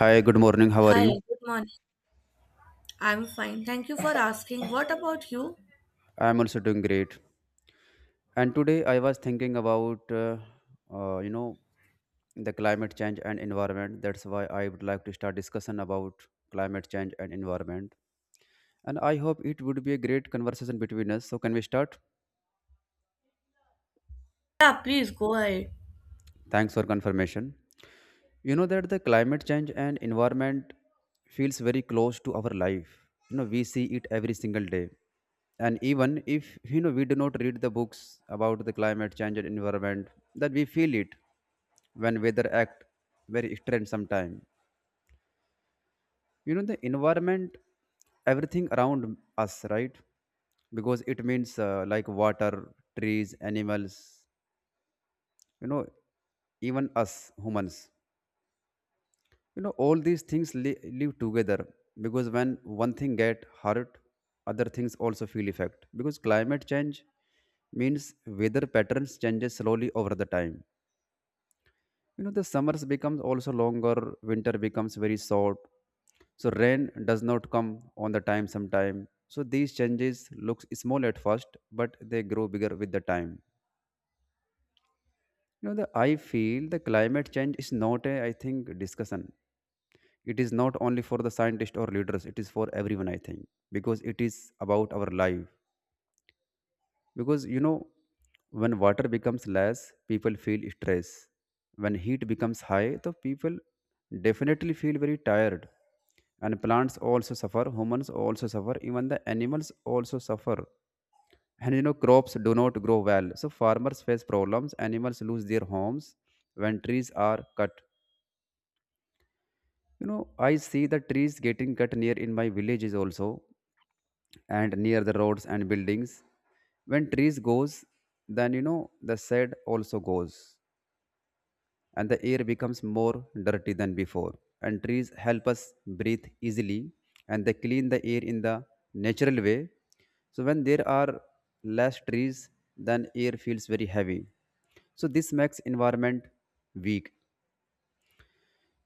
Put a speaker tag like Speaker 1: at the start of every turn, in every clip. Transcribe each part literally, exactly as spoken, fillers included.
Speaker 1: Hi, good morning. How are
Speaker 2: Hi,
Speaker 1: you?
Speaker 2: good morning. I'm fine. Thank you for asking. What about you?
Speaker 1: I'm also doing great. And today I was thinking about, uh, uh, you know, the climate change and environment. That's why I would like to start discussion about climate change and environment. And I hope it would be a great conversation between us. So can we start?
Speaker 2: Yeah, please go ahead.
Speaker 1: Thanks for confirmation. You know that the climate change and environment feels very close to our life. You know, we see it every single day, and even if you know we do not read the books about the climate change and environment, that we feel it when weather act very strange sometime. You know the environment, everything around us, right? Because it means uh, like water, trees, animals, you know even us, humans. You know all these things li- live together, because when one thing get hurt, other things also feel effect, because climate change means weather patterns changes slowly over the time. You know the summers becomes also longer, winter becomes very short, so rain does not come on the time sometime. So these changes looks small at first, but they grow bigger with the time. You know the I feel the climate change is not a, I think, discussion. It is not only for the scientists or leaders, it is for everyone, I think, because it is about our life. Because you know when water becomes less, people feel stress. When heat becomes high, the people definitely feel very tired, and plants also suffer, humans also suffer, even the animals also suffer. And you know crops do not grow well, so farmers face problems, animals lose their homes when trees are cut. you know I see the trees getting cut near in my villages also, and near the roads and buildings. When trees goes, then you know the shade also goes, and the air becomes more dirty than before. And trees help us breathe easily, and they clean the air in the natural way. So when there are less trees, then air feels very heavy. So this makes environment weak.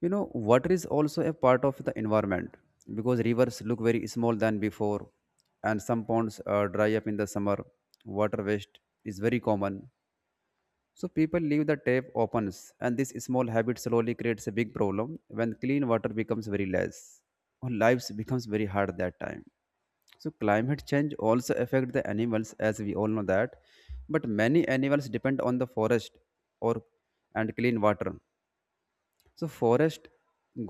Speaker 1: You know, water is also a part of the environment, because rivers look very small than before, and some ponds uh, dry up in the summer. Water waste is very common. So people leave the tap open, and this small habit slowly creates a big problem when clean water becomes very less. Or lives becomes very hard that time. So climate change also affect the animals, as we all know that, but many animals depend on the forest or and clean water. So forest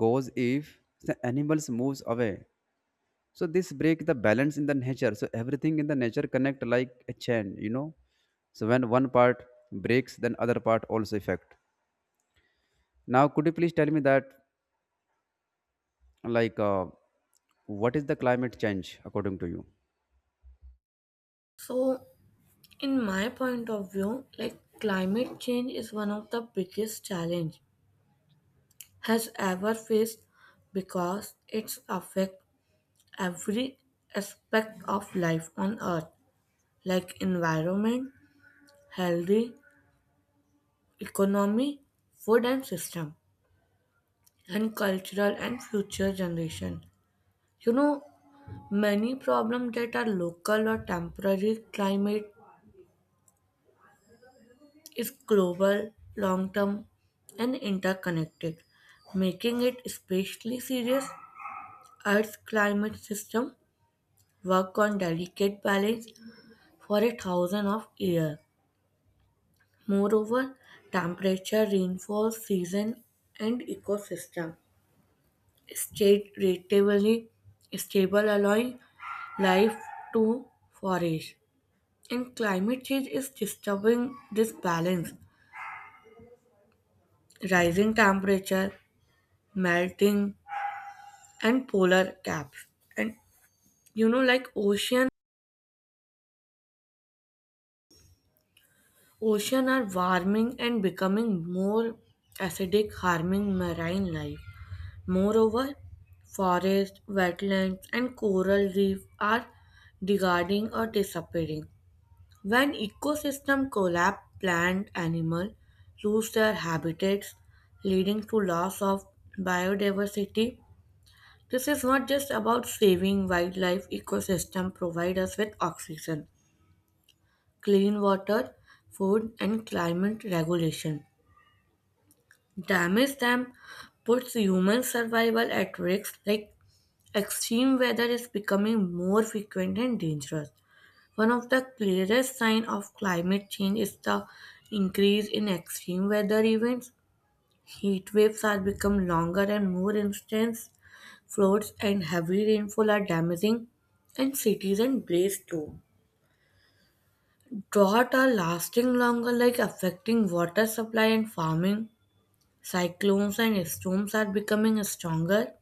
Speaker 1: goes, if the animals moves away, so this break the balance in the nature. So everything in the nature connect like a chain, you know so when one part breaks, then other part also affect. Now could you please tell me that, like uh, what is the climate change according to you?
Speaker 2: So, in my point of view, like climate change is one of the biggest challenge has ever faced because it's affect every aspect of life on earth, like environment, healthy, economy, food and system, and cultural and future generation. You know, many problems that are local or temporary, climate is global, long term, and interconnected, making it especially serious. Earth's climate system work on delicate balance for a thousand of years. Moreover, temperature, rainfall, season, and ecosystem stay relatively stable, allowing life to flourish. And climate change is disturbing this balance. Rising temperature, melting, and polar caps. And you know, like ocean, ocean are warming and becoming more acidic, harming marine life. Moreover, forests, wetlands, and coral reef are degrading or disappearing. When ecosystem collapse, plant animals lose their habitats, leading to loss of biodiversity. This is not just about saving wildlife. Ecosystem provide us with oxygen, clean water, food, and climate regulation. Damage them puts human survival at risk, like extreme weather is becoming more frequent and dangerous. One of the clearest signs of climate change is the increase in extreme weather events. Heat waves are become longer and more intense. Floods and heavy rainfall are damaging, and cities and blaze too. Drought are lasting longer, like affecting water supply and farming. Cyclones and storms are becoming stronger.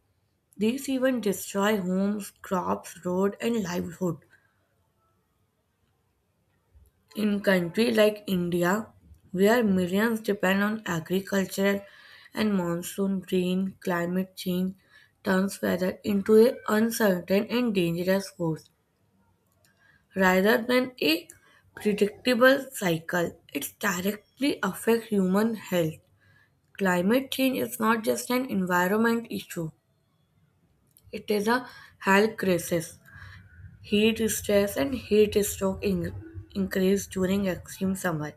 Speaker 2: These even destroy homes, crops, road, and livelihood. In countries like India, where millions depend on agriculture and monsoon rain, climate change turns weather into an uncertain and dangerous force rather than a predictable cycle. It directly affects human health. Climate change is not just an environment issue; it is a health crisis. Heat stress and heat stroke in- increase during extreme summer.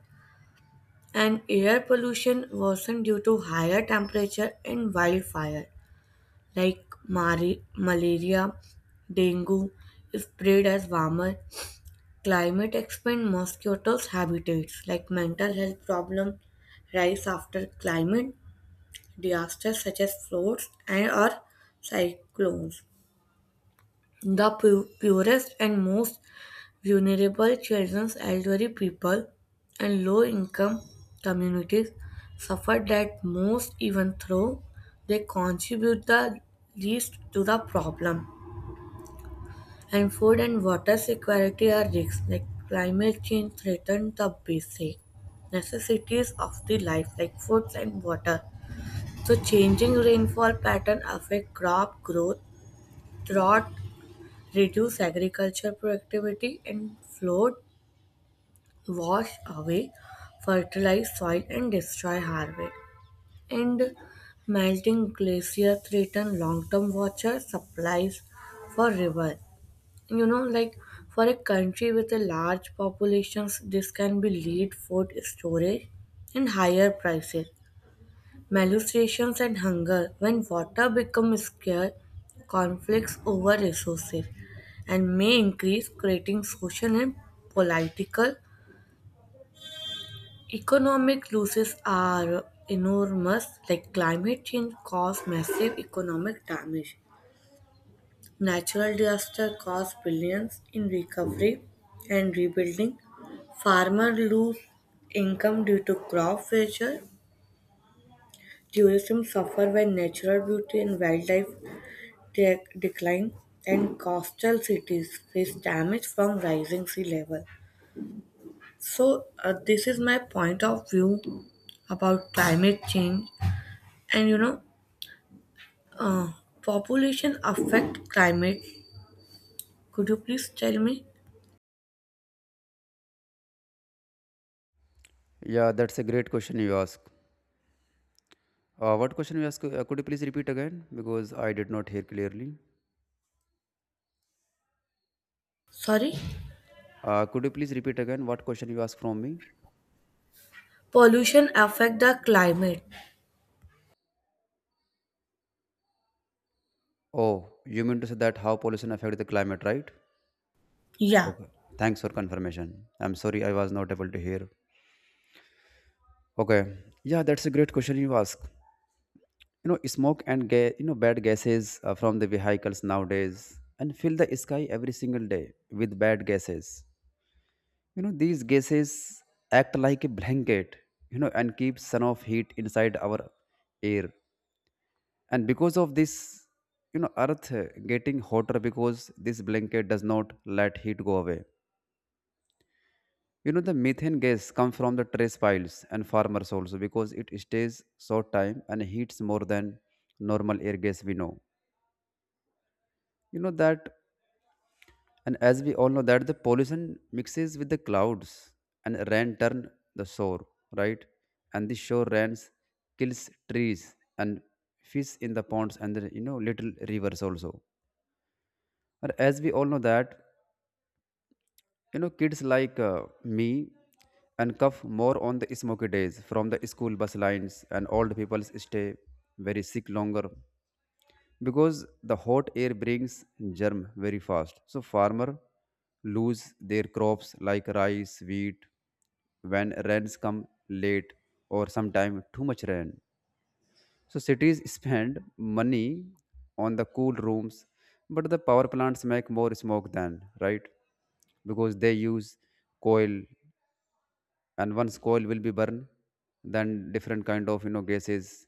Speaker 2: And air pollution worsened due to higher temperature and wildfire, like mari- malaria, dengue, spread as warmer climate expand mosquitoes' habitats, like mental health problem rise after climate disasters such as floods and or cyclones. The pu- purest and most vulnerable children, elderly people, and low-income communities suffer that most even though they contribute the least to the problem. And food and water security are risks like climate change threatens the basic necessities of the life like food and water. So changing rainfall pattern affect crop growth, drought reduce agriculture productivity and flood wash away fertilized soil and destroy harvest. And melting glacier threaten long-term water supplies for river. You know, like for a country with a large population, this can be lead food storage and higher prices. Malnutrition and hunger. When water becomes scarce, conflicts over resources and may increase creating social and political. Economic losses are enormous, like climate change causes massive economic damage. Natural disaster cause billions in recovery and rebuilding. Farmers lose income due to crop failure. Tourism suffer when natural beauty and wildlife de- decline, and coastal cities face damage from rising sea level. So uh, this is my point of view about climate change, and you know, Uh, population affect climate. Could you please tell me?
Speaker 1: Yeah, that's a great question you ask. Uh, what question you ask? Uh, could you please repeat again, because I did not hear clearly?
Speaker 2: Sorry?
Speaker 1: Uh, could you please repeat again what question you asked from me?
Speaker 2: Pollution affect the climate.
Speaker 1: Oh, you mean to say that how pollution affect the climate, right?
Speaker 2: Yeah.
Speaker 1: Okay. Thanks for confirmation. I'm sorry I was not able to hear. Okay. Yeah, that's a great question you ask. You know, smoke and ga- you know bad gases uh, from the vehicles nowadays and fill the sky every single day with bad gases. You know, these gases act like a blanket, you know, and keep sun of heat inside our air. And because of this, you know, earth uh, getting hotter, because this blanket does not let heat go away. You know, the methane gas comes from the trash piles and farmers also, because it stays short time and heats more than normal air gas we know. You know that, and as we all know that the pollution mixes with the clouds and rain turn the shore, right? And the shore rains kills trees and fish in the ponds and the, you know little rivers also. And as we all know that, You know, kids like uh, me and cough more on the smoky days from the school bus lines, and old people stay very sick longer, because the hot air brings germ very fast. So farmer lose their crops like rice, wheat, when rains come late or sometime too much rain. So cities spend money on the cool rooms, but the power plants make more smoke than, right? Because they use coal, and once coal will be burned, then different kind of, you know gases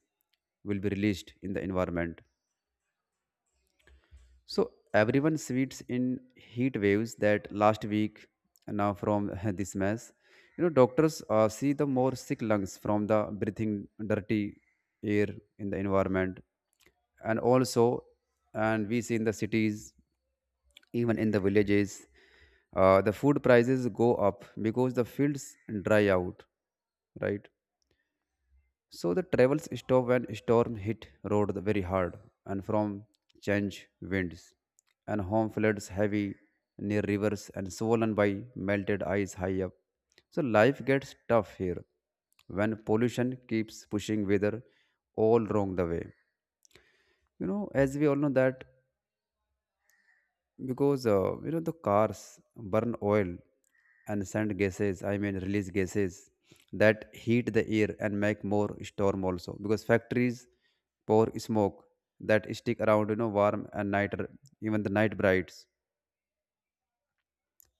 Speaker 1: will be released in the environment. So everyone sweats in heat waves that last week, uh, now from this mess. You know, doctors uh, see the more sick lungs from the breathing dirty air in the environment, and also, and we see in the cities, even in the villages, uh, the food prices go up because the fields dry out, right? So the travels stopped when storm hit road very hard, and from change winds and home floods heavy near rivers and swollen by melted ice high up. So life gets tough here when pollution keeps pushing weather all wrong the way. You know, as we all know that, because uh, you know the cars burn oil and send gases, i mean release gases that heat the air and make more storm also, because factories pour smoke that stick around, you know warm and night, even the night brights.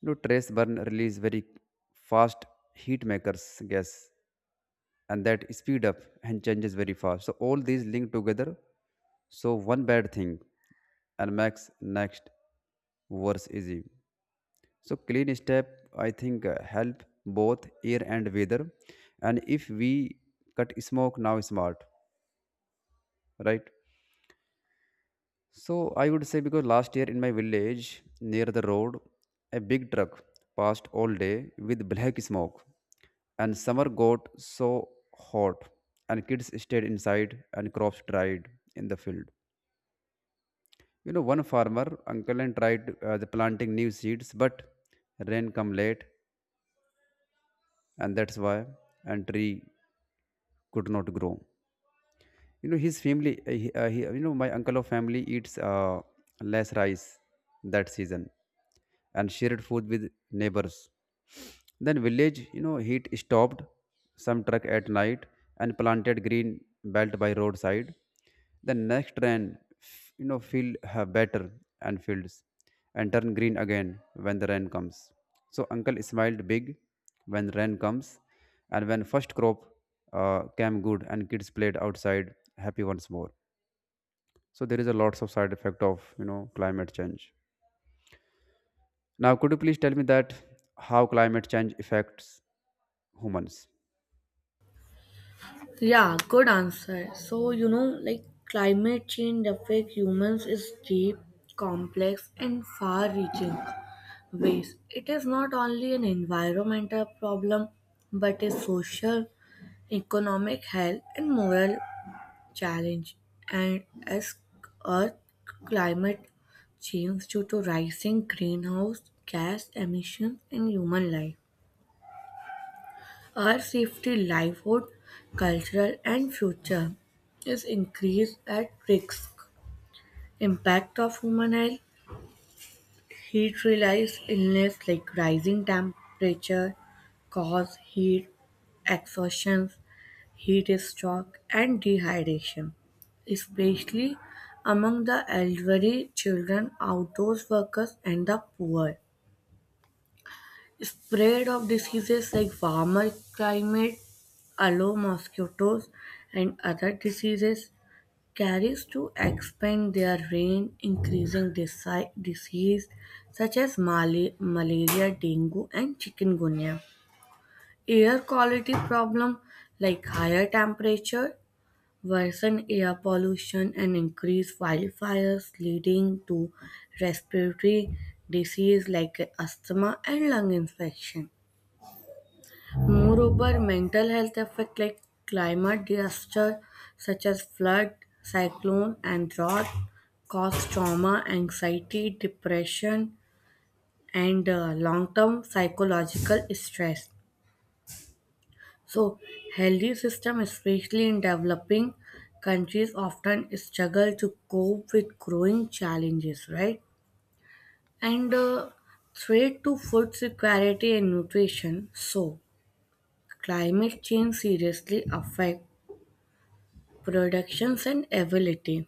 Speaker 1: you know Trace burn release very fast heat makers gas, and that speed up and changes very fast. So all these link together, so one bad thing and makes next worse easy. So clean step, I think, uh, help both air and weather. And if we cut smoke now, smart, right? So I would say, because last year in my village near the road, a big truck passed all day with black smoke, and summer got so hot, and kids stayed inside and crops dried in the field. You know, one farmer uncle and tried uh, the planting new seeds, but rain come late, and that's why, and tree could not grow. You know, his family, uh, he, uh, he, you know, my uncle of family eats uh, less rice that season and shared food with neighbors. Then village, you know, heat stopped some truck at night and planted green belt by roadside. The next rain, f- you know feel uh, better, and fields and turn green again when the rain comes. So uncle smiled big when rain comes, and when first crop uh, came good and kids played outside happy once more. So there is a lots of side effect of, you know climate change. Now could you please tell me that how climate change affects humans?
Speaker 2: Yeah, good answer. So, you know, like climate change affect humans is deep, complex and far-reaching ways. It is not only an environmental problem but a social, economic, health and moral challenge. And as Earth climate change due to rising greenhouse gas emissions and human life. Our safety, livelihood, cultural and future is increased at risk. Impact of human health, heat related illness like rising temperature, cause heat exhaustion, heat stroke, and dehydration, especially among the elderly, children, outdoors workers, and the poor. Spread of diseases like warmer climate allow mosquitoes and other diseases carries to expand their range, increasing disi- disease such as mali- malaria, dengue, and chikungunya. Air quality problem like higher temperature worsen air pollution and increase wildfires, leading to respiratory disease like asthma and lung infection. Moreover, mental health effects like climate disaster such as flood, cyclone, and drought cause trauma, anxiety, depression, and long term psychological stress. So, healthy system, especially in developing countries, often struggle to cope with growing challenges, right? And uh, threat to food security and nutrition. So, climate change seriously affect productions and availability.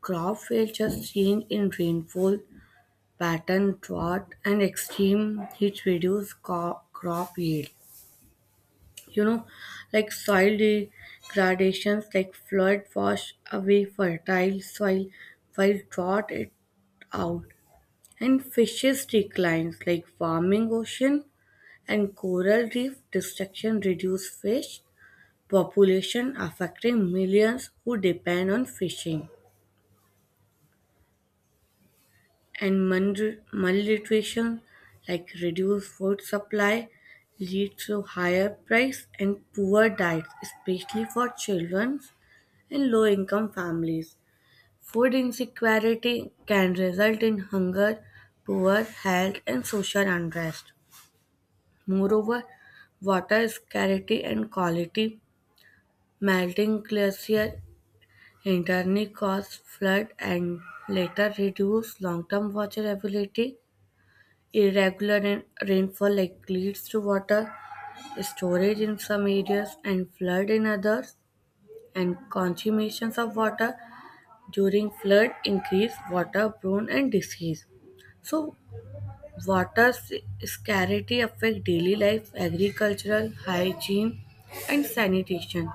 Speaker 2: Crop failures, change in rainfall pattern, drought, and extreme heat reduce co- crop yield. You know, like soil degradations like flood wash away fertile soil while drought it out, and fishes declines like warming ocean and coral reef destruction reduce fish population affecting millions who depend on fishing, and mun- malnutrition like reduced food supply leads to higher price and poor diets, especially for children and low income families. Food insecurity can result in hunger, poor health and social unrest. Moreover, water scarcity and quality, melting glacier internally cause flood and later reduce long-term water availability. Irregular rain- rainfall like leads to water storage in some areas and flood in others, and consumptions of water during flood increase waterborne and disease. So, water s- scarcity affect daily life, agricultural hygiene, and sanitation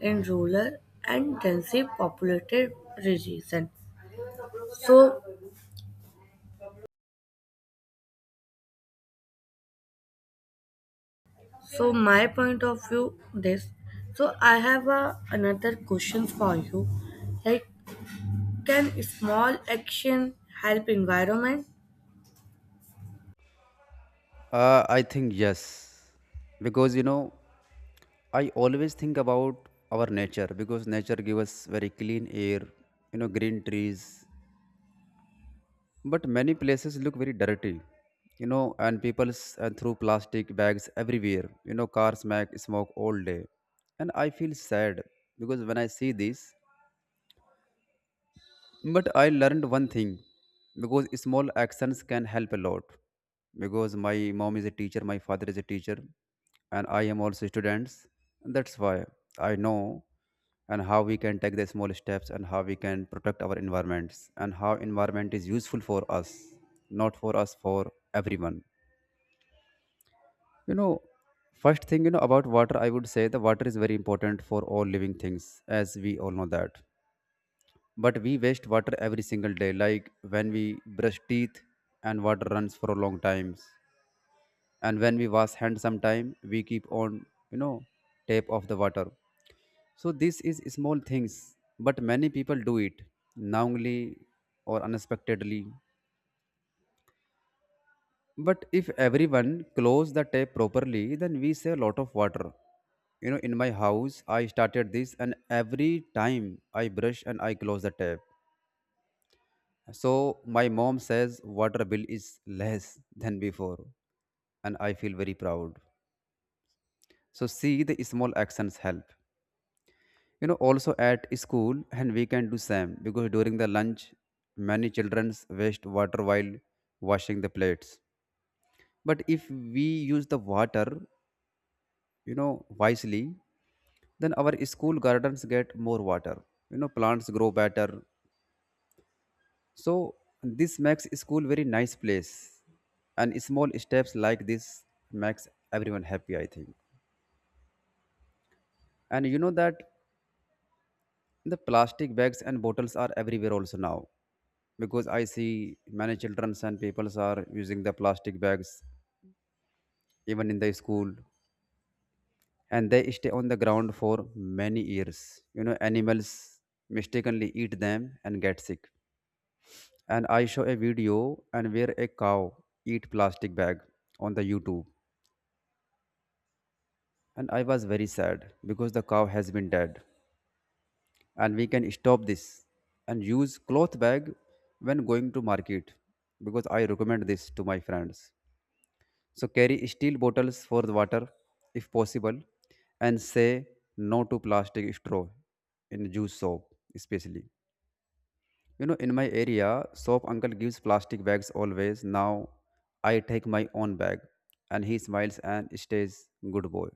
Speaker 2: in rural and densely populated region. So, so my point of view this. So I have a, another question for you, like can small action help environment.
Speaker 1: Uh, I think yes, because you know, I always think about our nature, because nature gives us very clean air, you know, green trees. But many places look very dirty, you know, and people and throw plastic bags everywhere. You know, cars make smoke all day, and I feel sad because when I see this. But I learned one thing, because small actions can help a lot. Because my mom is a teacher, my father is a teacher, and I am also students. That's why I know and how we can take the small steps and how we can protect our environments and how environment is useful for us, not for us, for everyone. You know, first thing, you know about water, I would say the water is very important for all living things, as we all know that, but we waste water every single day, like when we brush teeth and water runs for a long times. And when we wash hands sometime, we keep on, you know, tap of the water. So this is small things, but many people do it knowingly or unexpectedly. But if everyone close the tap properly, then we save a lot of water. You know, in my house, I started this, and every time I brush and I close the tap. So my mom says water bill is less than before, and I feel very proud. So see, the small actions help. You know, also at school and we can do same, because during the lunch many children waste water while washing the plates. But if we use the water, you know wisely, then our school gardens get more water. You know, plants grow better. So this makes school very nice place, and small steps like this makes everyone happy, I think. And you know that the plastic bags and bottles are everywhere also now, because I see many children and peoples are using the plastic bags even in the school, and they stay on the ground for many years. You know, animals mistakenly eat them and get sick. And I saw a video and where a cow eat plastic bag on the YouTube. And I was very sad because the cow has been dead. And we can stop this and use cloth bag when going to market because I recommend this to my friends. So carry steel bottles for the water if possible and say no to plastic straw in juice shop especially. You know in my area soap uncle gives plastic bags always. Now I take my own bag and he smiles and stays good boy.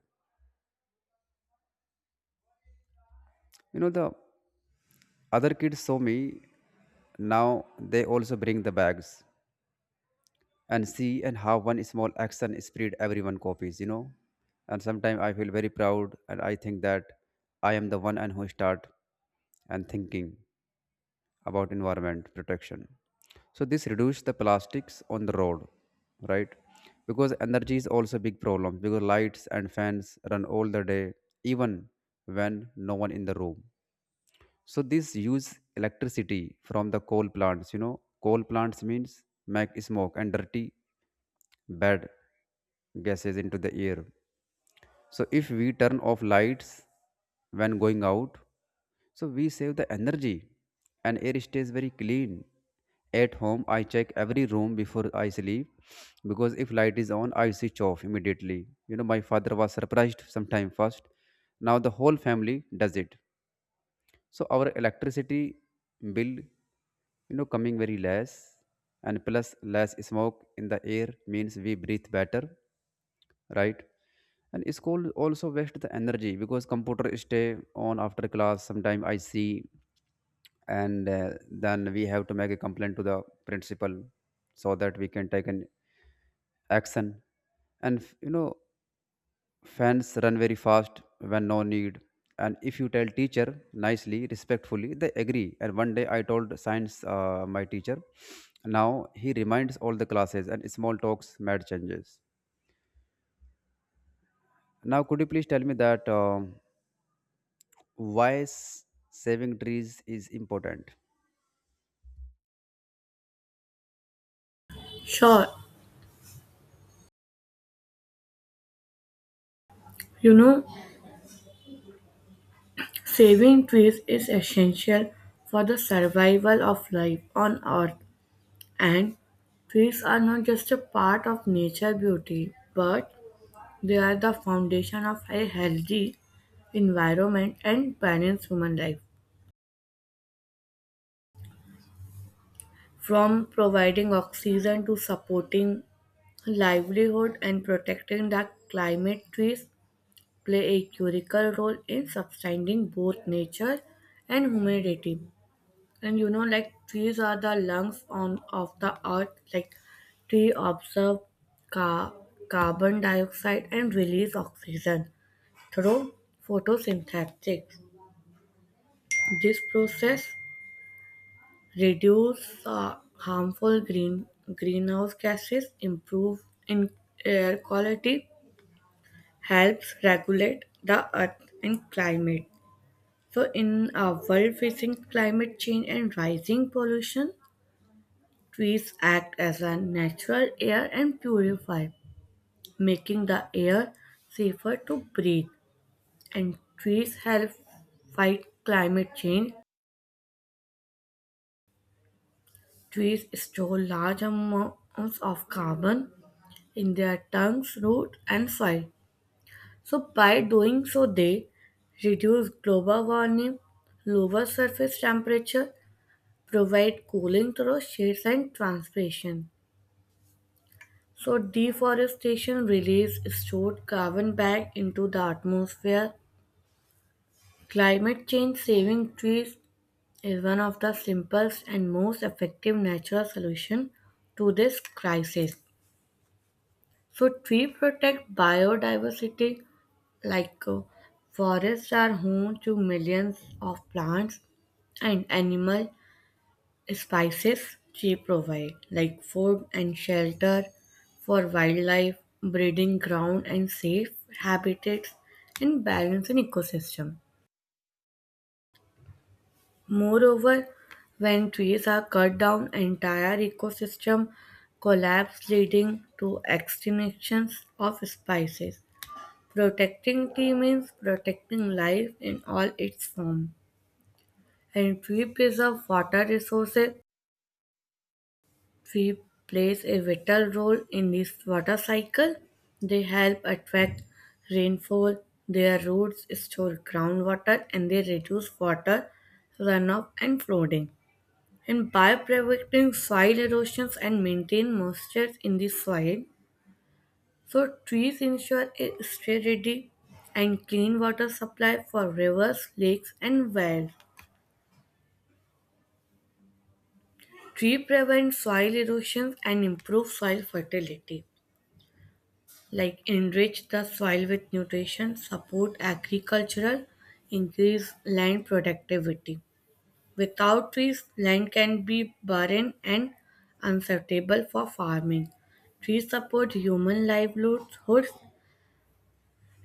Speaker 1: You know the Other kids saw me. Now they also bring the bags and see and how one small action spread everyone copies, you know. And sometimes I feel very proud and I think that I am the one and who start and thinking about environment protection. So this reduce the plastics on the road, right? Because energy is also big problem because lights and fans run all the day, even when no one in the room so this use electricity from the coal plants. You know, coal plants means make smoke and dirty, bad gases into the air. So if we turn off lights when going out, so we save the energy and air stays very clean. At home, I check every room before I sleep because if light is on, I switch off immediately. You know, my father was surprised sometime first. Now the whole family does it so our electricity bill you know coming very less and plus less smoke in the air means we breathe better, right? And school also waste the energy because computer stay on after class sometime I see, and uh, then we have to make a complaint to the principal so that we can take an action and f- you know Fans run very fast when no need. And if you tell teacher nicely, respectfully, they agree. And one day I told science, uh, my teacher. Now he reminds all the classes and small talks, mad changes. Now, could you please tell me that um why s- saving trees is important?
Speaker 2: Sure, you know, saving trees is essential for the survival of life on earth, and trees are not just a part of nature beauty but they are the foundation of a healthy environment and balanced human life. From providing oxygen to supporting livelihood and protecting the climate, trees play a critical role in sustaining both nature and humanity. And you know, like trees are the lungs on of the earth. Like trees absorb ca- carbon dioxide and release oxygen through photosynthesis. This process reduce uh, harmful green greenhouse gases, improve in air quality, helps regulate the earth and climate. So, in a world facing climate change and rising pollution, trees act as a natural air and purify, making the air safer to breathe. And trees help fight climate change. Trees store large amounts of carbon in their tongues, root, and soil. So, by doing so, they reduce global warming, lower surface temperature, provide cooling through shades and transpiration. So, deforestation releases stored carbon back into the atmosphere. Climate change saving trees is one of the simplest and most effective natural solution to this crisis. So, tree protect biodiversity. Like uh, forests are home to millions of plants and animal species. They provide like food and shelter for wildlife, breeding ground and safe habitats and balance an ecosystem. Moreover, when trees are cut down, entire ecosystem collapse leading to extinctions of species. Protecting tree means protecting life in all its forms. And we preserve water resources. We plays a vital role in this water cycle. They help attract rainfall, their roots store groundwater, and they reduce water runoff and flooding. And by preventing soil erosions and maintain moisture in the soil, so trees ensure a steady and clean water supply for rivers, lakes, and wells. Tree prevent soil erosion and improve soil fertility, like enrich the soil with nutrition, support agricultural, increase land productivity. Without trees, land can be barren and unsuitable for farming. Trees support human livelihoods,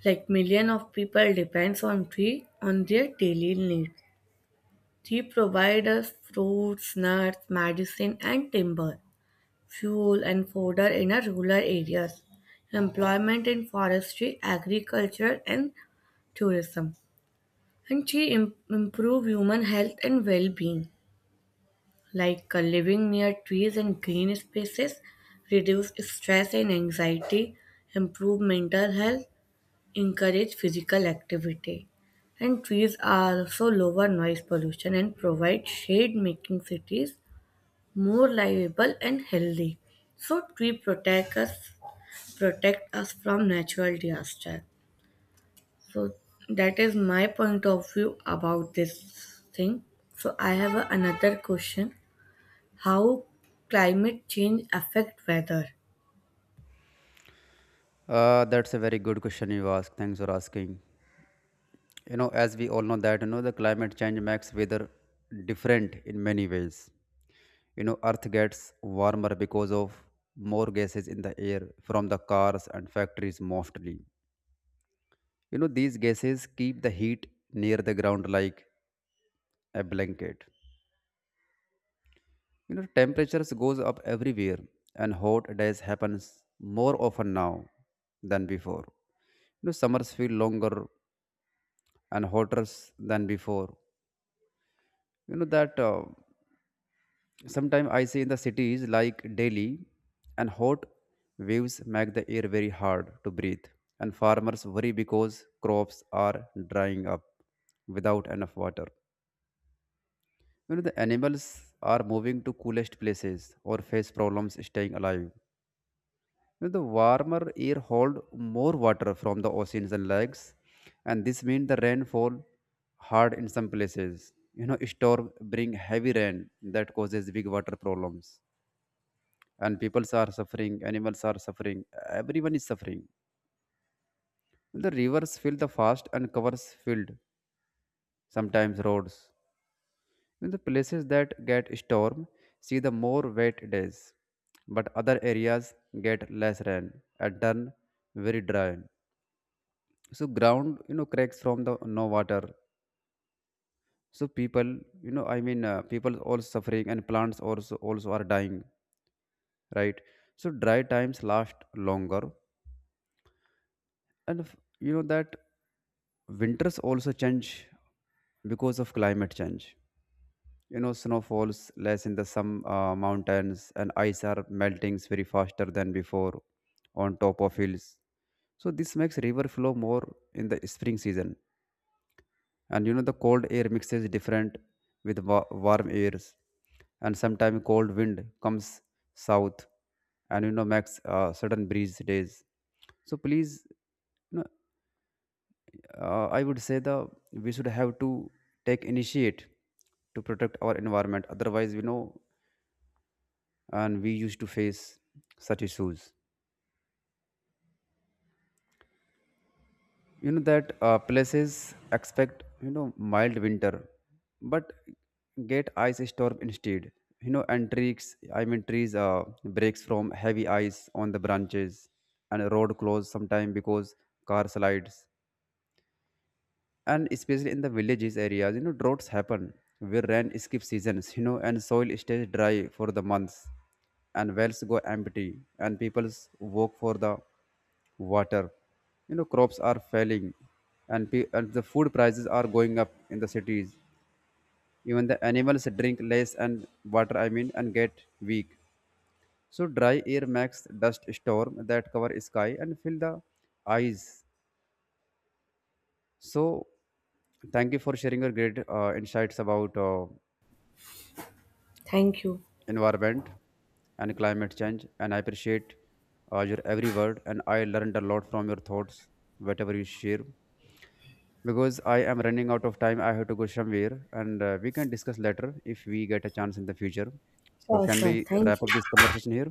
Speaker 2: like millions of people depends on tree on their daily needs. Tree provide us fruits, nuts, medicine, and timber, fuel and fodder in our rural areas, employment in forestry, agriculture, and tourism. And she im- improve human health and well-being, like uh, living near trees and green spaces, reduce stress and anxiety, improve mental health, encourage physical activity. And trees are also lower noise pollution and provide shade, making cities more livable and healthy. So, tree protect us protect us from natural disaster. So that is my point of view about this thing. So I have a- another question. How climate change affect weather?
Speaker 1: Uh, that's a very good question you ask. Thanks for asking. You know, as we all know that you know the climate change makes weather different in many ways. You know earth gets warmer because of more gases in the air from the cars and factories mostly. You know these gases keep the heat near the ground like a blanket. You know temperatures goes up everywhere and hot days happens more often now than before. You know summers feel longer and hotter than before. You know that uh, sometimes I see in the cities like Delhi, and hot waves make the air very hard to breathe, and farmers worry because crops are drying up without enough water. You know, the animals are moving to coolest places or face problems staying alive. You know, the warmer air hold more water from the oceans and lakes, and this means the rainfall hard in some places. You know, storm bring heavy rain that causes big water problems, and peoples are suffering, animals are suffering, everyone is suffering. The rivers fill the fast and covers field, sometimes roads. In the places that get storm see the more wet days, but other areas get less rain and turn very dry. So ground you know cracks from the no water. So people, you know i mean uh, people also suffering and plants also also are dying, right? So dry times last longer. And if, you know that winters also change because of climate change. You know, snow falls less in the some uh, mountains, and ice are melting very faster than before on top of hills. So this makes river flow more in the spring season. And you know, the cold air mixes different with wa- warm airs, and sometimes cold wind comes south, and you know makes uh, sudden breeze days. So please, you know, uh, i would say the we should have to take initiate to protect our environment, otherwise we know and we used to face such issues. You know that uh, places expect you know mild winter but get ice storm instead. You know and trees i mean trees uh, breaks from heavy ice on the branches, and road closed sometime because car slides. And especially in the villages areas you know droughts happen where rain skips seasons. You know and soil stays dry for the months, and wells go empty, and people walk for the water. You know crops are failing, and pe- and the food prices are going up in the cities. Even the animals drink less and water I mean and get weak. So dry air makes dust storm that cover sky and fill the eyes. So, thank you for sharing your great uh, insights about uh,
Speaker 2: Thank you.
Speaker 1: environment and climate change. And I appreciate uh, your every word. And I learned a lot from your thoughts, whatever you share. Because I am running out of time, I have to go somewhere, and uh, we can discuss later if we get a chance in the future. So,
Speaker 2: Sure,
Speaker 1: can
Speaker 2: sure.
Speaker 1: we
Speaker 2: Thank
Speaker 1: wrap
Speaker 2: you.
Speaker 1: up this conversation here?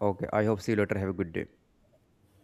Speaker 1: Okay. I hope see you later. Have a good day.